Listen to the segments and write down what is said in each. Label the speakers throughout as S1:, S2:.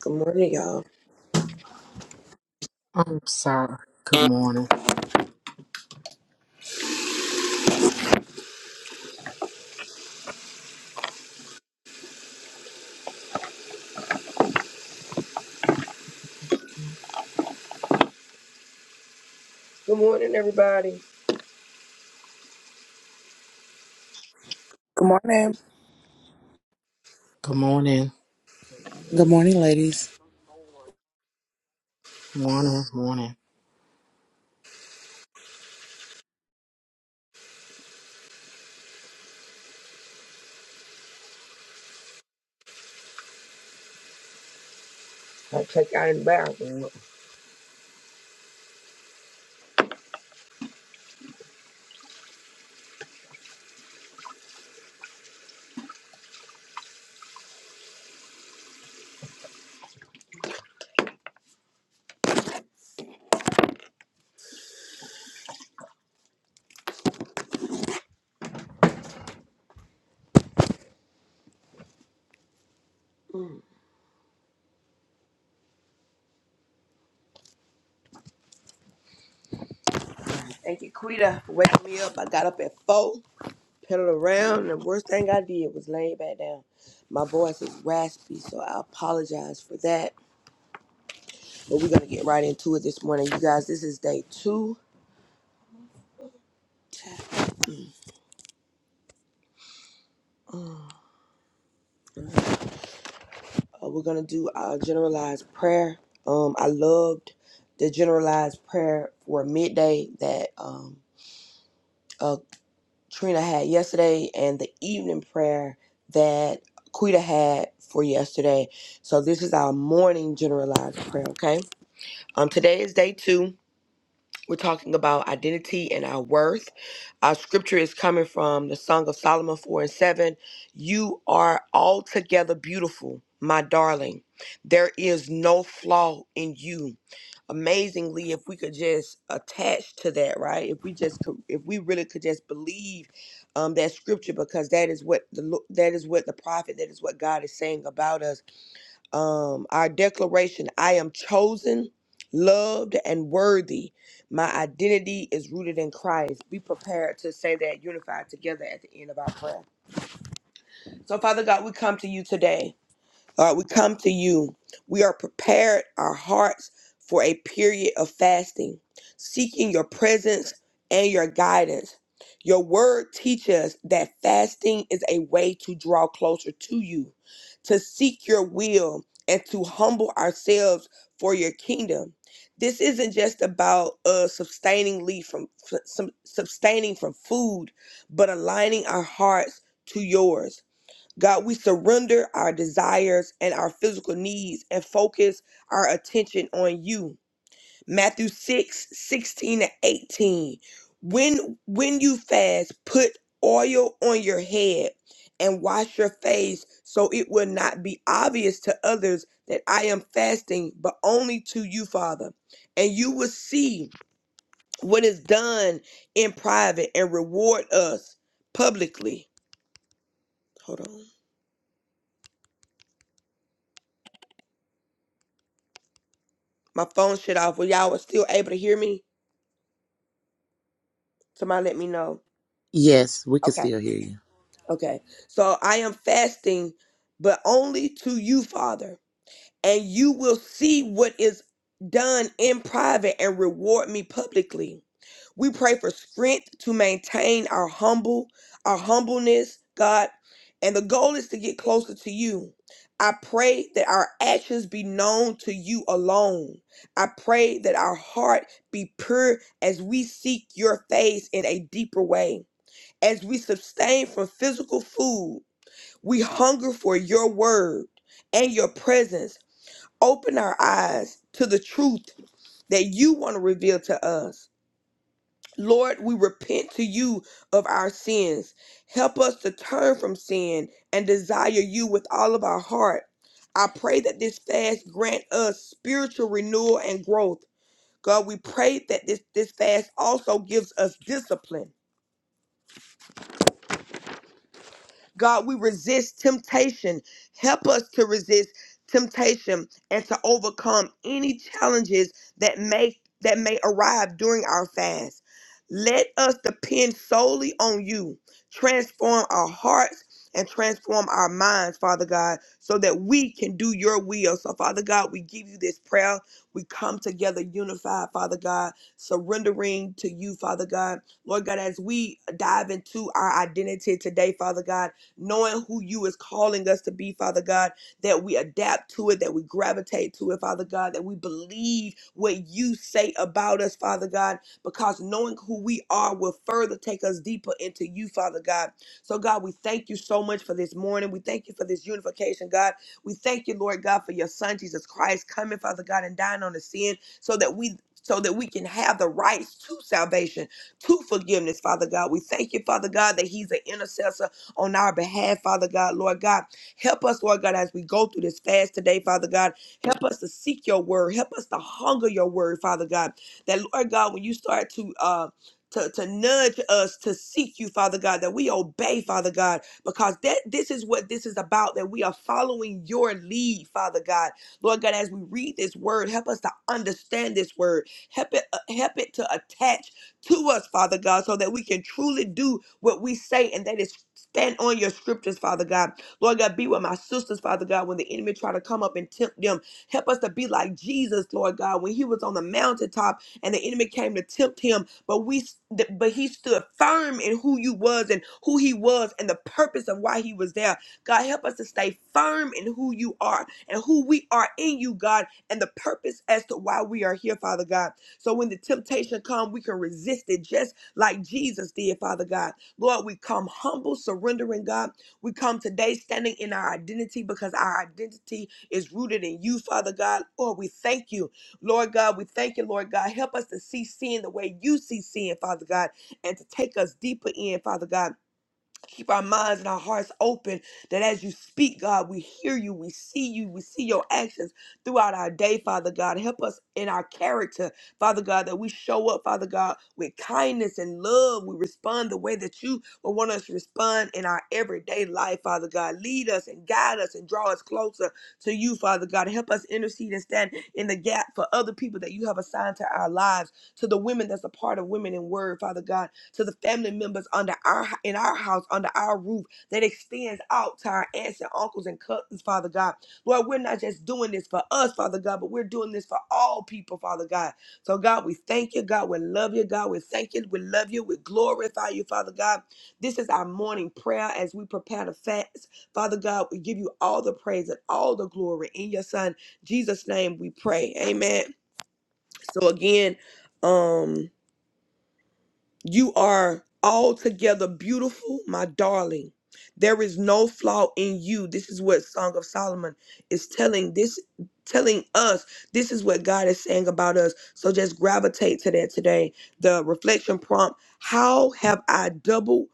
S1: Good morning, y'all.
S2: I'm sorry. Good morning.
S1: Good morning, everybody.
S3: Good morning.
S2: Good morning.
S1: i
S4: Good morning, ladies.
S2: Morning. Morning.
S1: check out in the bathroom. Thank you, Quita, for waking me up. I got up at four, pedaled around, and the worst thing I did was lay back down. My voice is raspy, so I apologize for that. But we're gonna get right into it this morning, you guys. This is day two. Um, Uh, we're gonna do our generalized prayer. Um, I loved the generalized prayer for midday that um uh, Trina had yesterday and the evening prayer that Quita had for yesterday. So this is our morning generalized prayer, okay? Um today is day 2 we're talking about identity and our worth. Our scripture is coming from the Song of Solomon 4 and 7. You are altogether beautiful, my darling. There is no flaw in you. Amazingly, if we could just attach to that, right? If we just could, if we really could just believe um, that scripture, because that is what the lo- that is what the prophet, that is what God is saying about us um, our declaration I am chosen, loved, and worthy. My identity is rooted in Christ. Be prepared to say that unified together at the end of our prayer. So, Father God, we come to you today. Lord, we come to you. We are prepared our hearts for a period of fasting, seeking your presence and your guidance. Your word teaches us that fasting is a way to draw closer to you, to seek your will, and to humble ourselves for your kingdom. This isn't just about uh, sustaining lead from f- some, sustaining from food, but aligning our hearts to yours. God, we surrender our desires and our physical needs and focus our attention on you. Matthew 6 16 to 18. When when you fast, put oil on your head and wash your face so it will not be obvious to others that I am fasting, but only to you, Father. And you will see what is done in private and reward us publicly. Hold on. my phone shut off. Were y'all still able to hear me? Somebody let me know.
S4: Yes, we can
S1: Okay.
S4: still hear you.
S1: Okay. So I am fasting, but only to you, Father. and you will see what is done in private and reward me publicly. We pray for strength to maintain our humble, our humbleness, God. And the goal is to get closer to you. I pray that our actions be known to you alone. I pray that our heart be pure as we seek your face in a deeper way. As we sustain from physical food, we hunger for your word and your presence Open our eyes to the truth that you want to reveal to us. Lord, we repent to you of our sins. Help us to turn from sin and desire you with all of our heart. I pray that this fast grant us spiritual renewal and growth. God, we pray that this, this fast also gives us discipline God, we resist temptation. Help us to resist temptation and to overcome any challenges that may that may arrive during our fast. Let us depend solely on you. Transform our hearts and transform our minds, Father God, so that we can do your will. So, Father God, we give you this prayer. We come together unified, Father God, surrendering to you, Father God. Lord God, as we dive into our identity today, Father God knowing who you is calling us to be, Father God, that we adapt to it, that we gravitate to it, Father God, that we believe what you say about us, Father God, because knowing who we are will further take us deeper into you, Father God. So, God, we thank you so much for this morning. We thank you for this unification, God. We thank you, Lord God, for your Son, Jesus Christ, coming, Father God, and dying on the sin so that we. So that we can have the rights to salvation, to forgiveness, Father God. We thank you, Father God, that He's an intercessor on our behalf, Father God. Lord God, help us, Lord God, as we go through this fast today, Father God. Help us to seek your word. Help us to hunger your word, Father God. That, Lord God, when you start to, uh, to, to nudge us to seek you, Father God, that we obey, Father God, because that this is what this is about, that we are following your lead, Father God. Lord God, as we read this word, help us to understand this word. Help it, uh, help it to attach to us, Father God, so that we can truly do what we say, and that is Stand on your scriptures, Father God. Lord God, be with my sisters, Father God, when the enemy try to come up and tempt them. Help us to be like Jesus, Lord God, when he was on the mountaintop and the enemy came to tempt him, but we but he stood firm in who you was and who he was and the purpose of why he was there. God, help us to stay firm in who you are and who we are in you, God, and the purpose as to why we are here, Father God. So when the temptation come, we can resist it just like Jesus did, Father God. Lord, we come humble, surrendering, God. We come today standing in our identity because our identity is rooted in you, Father God. Lord, we thank you. Lord God, we thank you, Lord God. Help us to see sin the way you see sin, Father God, and to take us deeper in, Father God. Keep our minds and our hearts open that as you speak, God, we hear you, we see you, we see your actions throughout our day, Father God. Help us in our character, Father God, that we show up, Father God, with kindness and love. We respond the way that you would want us to respond in our everyday life, Father God. Lead us and guide us and draw us closer to you, Father God. Help us intercede and stand in the gap for other people that you have assigned to our lives, to the women that's a part of Women in Word, Father God to the family members under our in our house, under our roof, that extends out to our aunts and uncles and cousins, Father God. Lord, we're not just doing this for us, Father God, but we're doing this for all people, Father God. So God, we thank you, God, we love you, God, we thank you, we love you, we glorify you, Father God. This is our morning prayer as we prepare to fast. Father God, we give you all the praise and all the glory in your son Jesus' name we pray. Amen. So again, um you are altogether beautiful, my darling. There is no flaw in you. This is what Song of Solomon is telling this telling us. This is what God is saying about us. So just gravitate to that today. The reflection prompt, how have I double?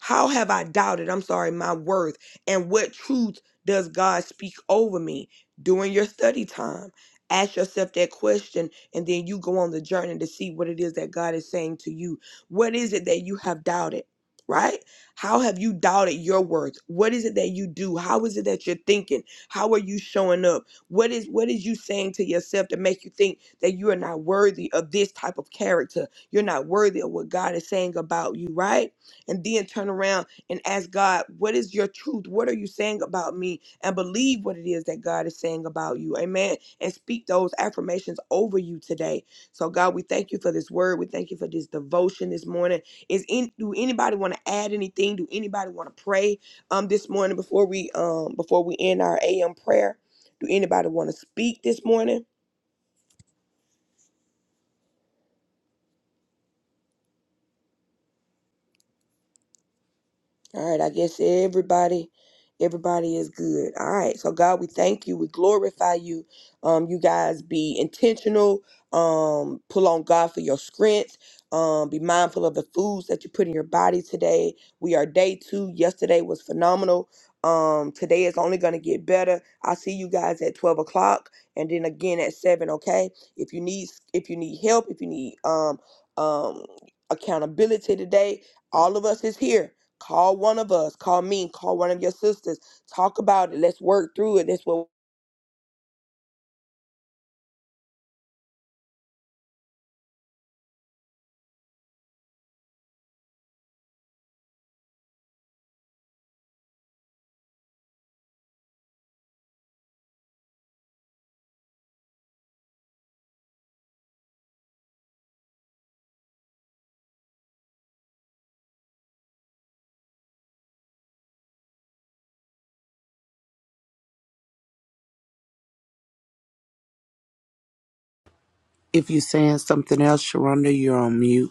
S1: How have I doubted, I'm sorry, my worth? And what truth does God speak over me during your study time? Ask yourself that question, and then you go on the journey to see what it is that God is saying to you. What is it that you have doubted? Right? How have you doubted your worth? What is it that you do? How is it that you're thinking? How are you showing up? What is what is you saying to yourself to make you think that you are not worthy of this type of character? You're not worthy of what God is saying about you, right? and then turn around and ask God, what is your truth? What are you saying about me? And believe what it is that God is saying about you. Amen. And speak those affirmations over you today. So God, we thank you for this word. We thank you for this devotion this morning. Is in do anybody want to add anything? Do anybody want to pray um this morning before we um before we end our AM prayer? Do anybody want to speak this morning? All right, I guess everybody, everybody is good. All right, so God, we thank you. We glorify you. Um, you guys be intentional. Um, pull on God for your strength. Um, be mindful of the foods that you put in your body today. We are day two. Yesterday was phenomenal. Um, today is only gonna get better. I'll see you guys at twelve o'clock, and then again at seven. Okay. If you need, if you need help, if you need um um accountability today, all of us is here. Call one of us, call me, call one of your sisters. Talk about it. Let's work through it. That's what
S4: If you're saying something else, Sharonda, you're on mute.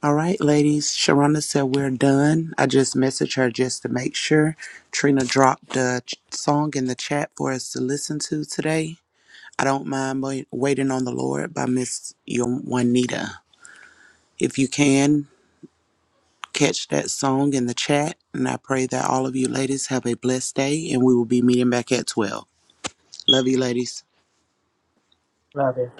S4: All right, ladies. Sharonda said we're done. I just messaged her just to make sure. Trina dropped the ch- song in the chat for us to listen to today. I don't mind Wai- waiting on the Lord by Miss Juanita. If you can catch that song in the chat, and I pray that all of you ladies have a blessed day, and we will be meeting back at twelve. Love you, ladies.
S2: Love you.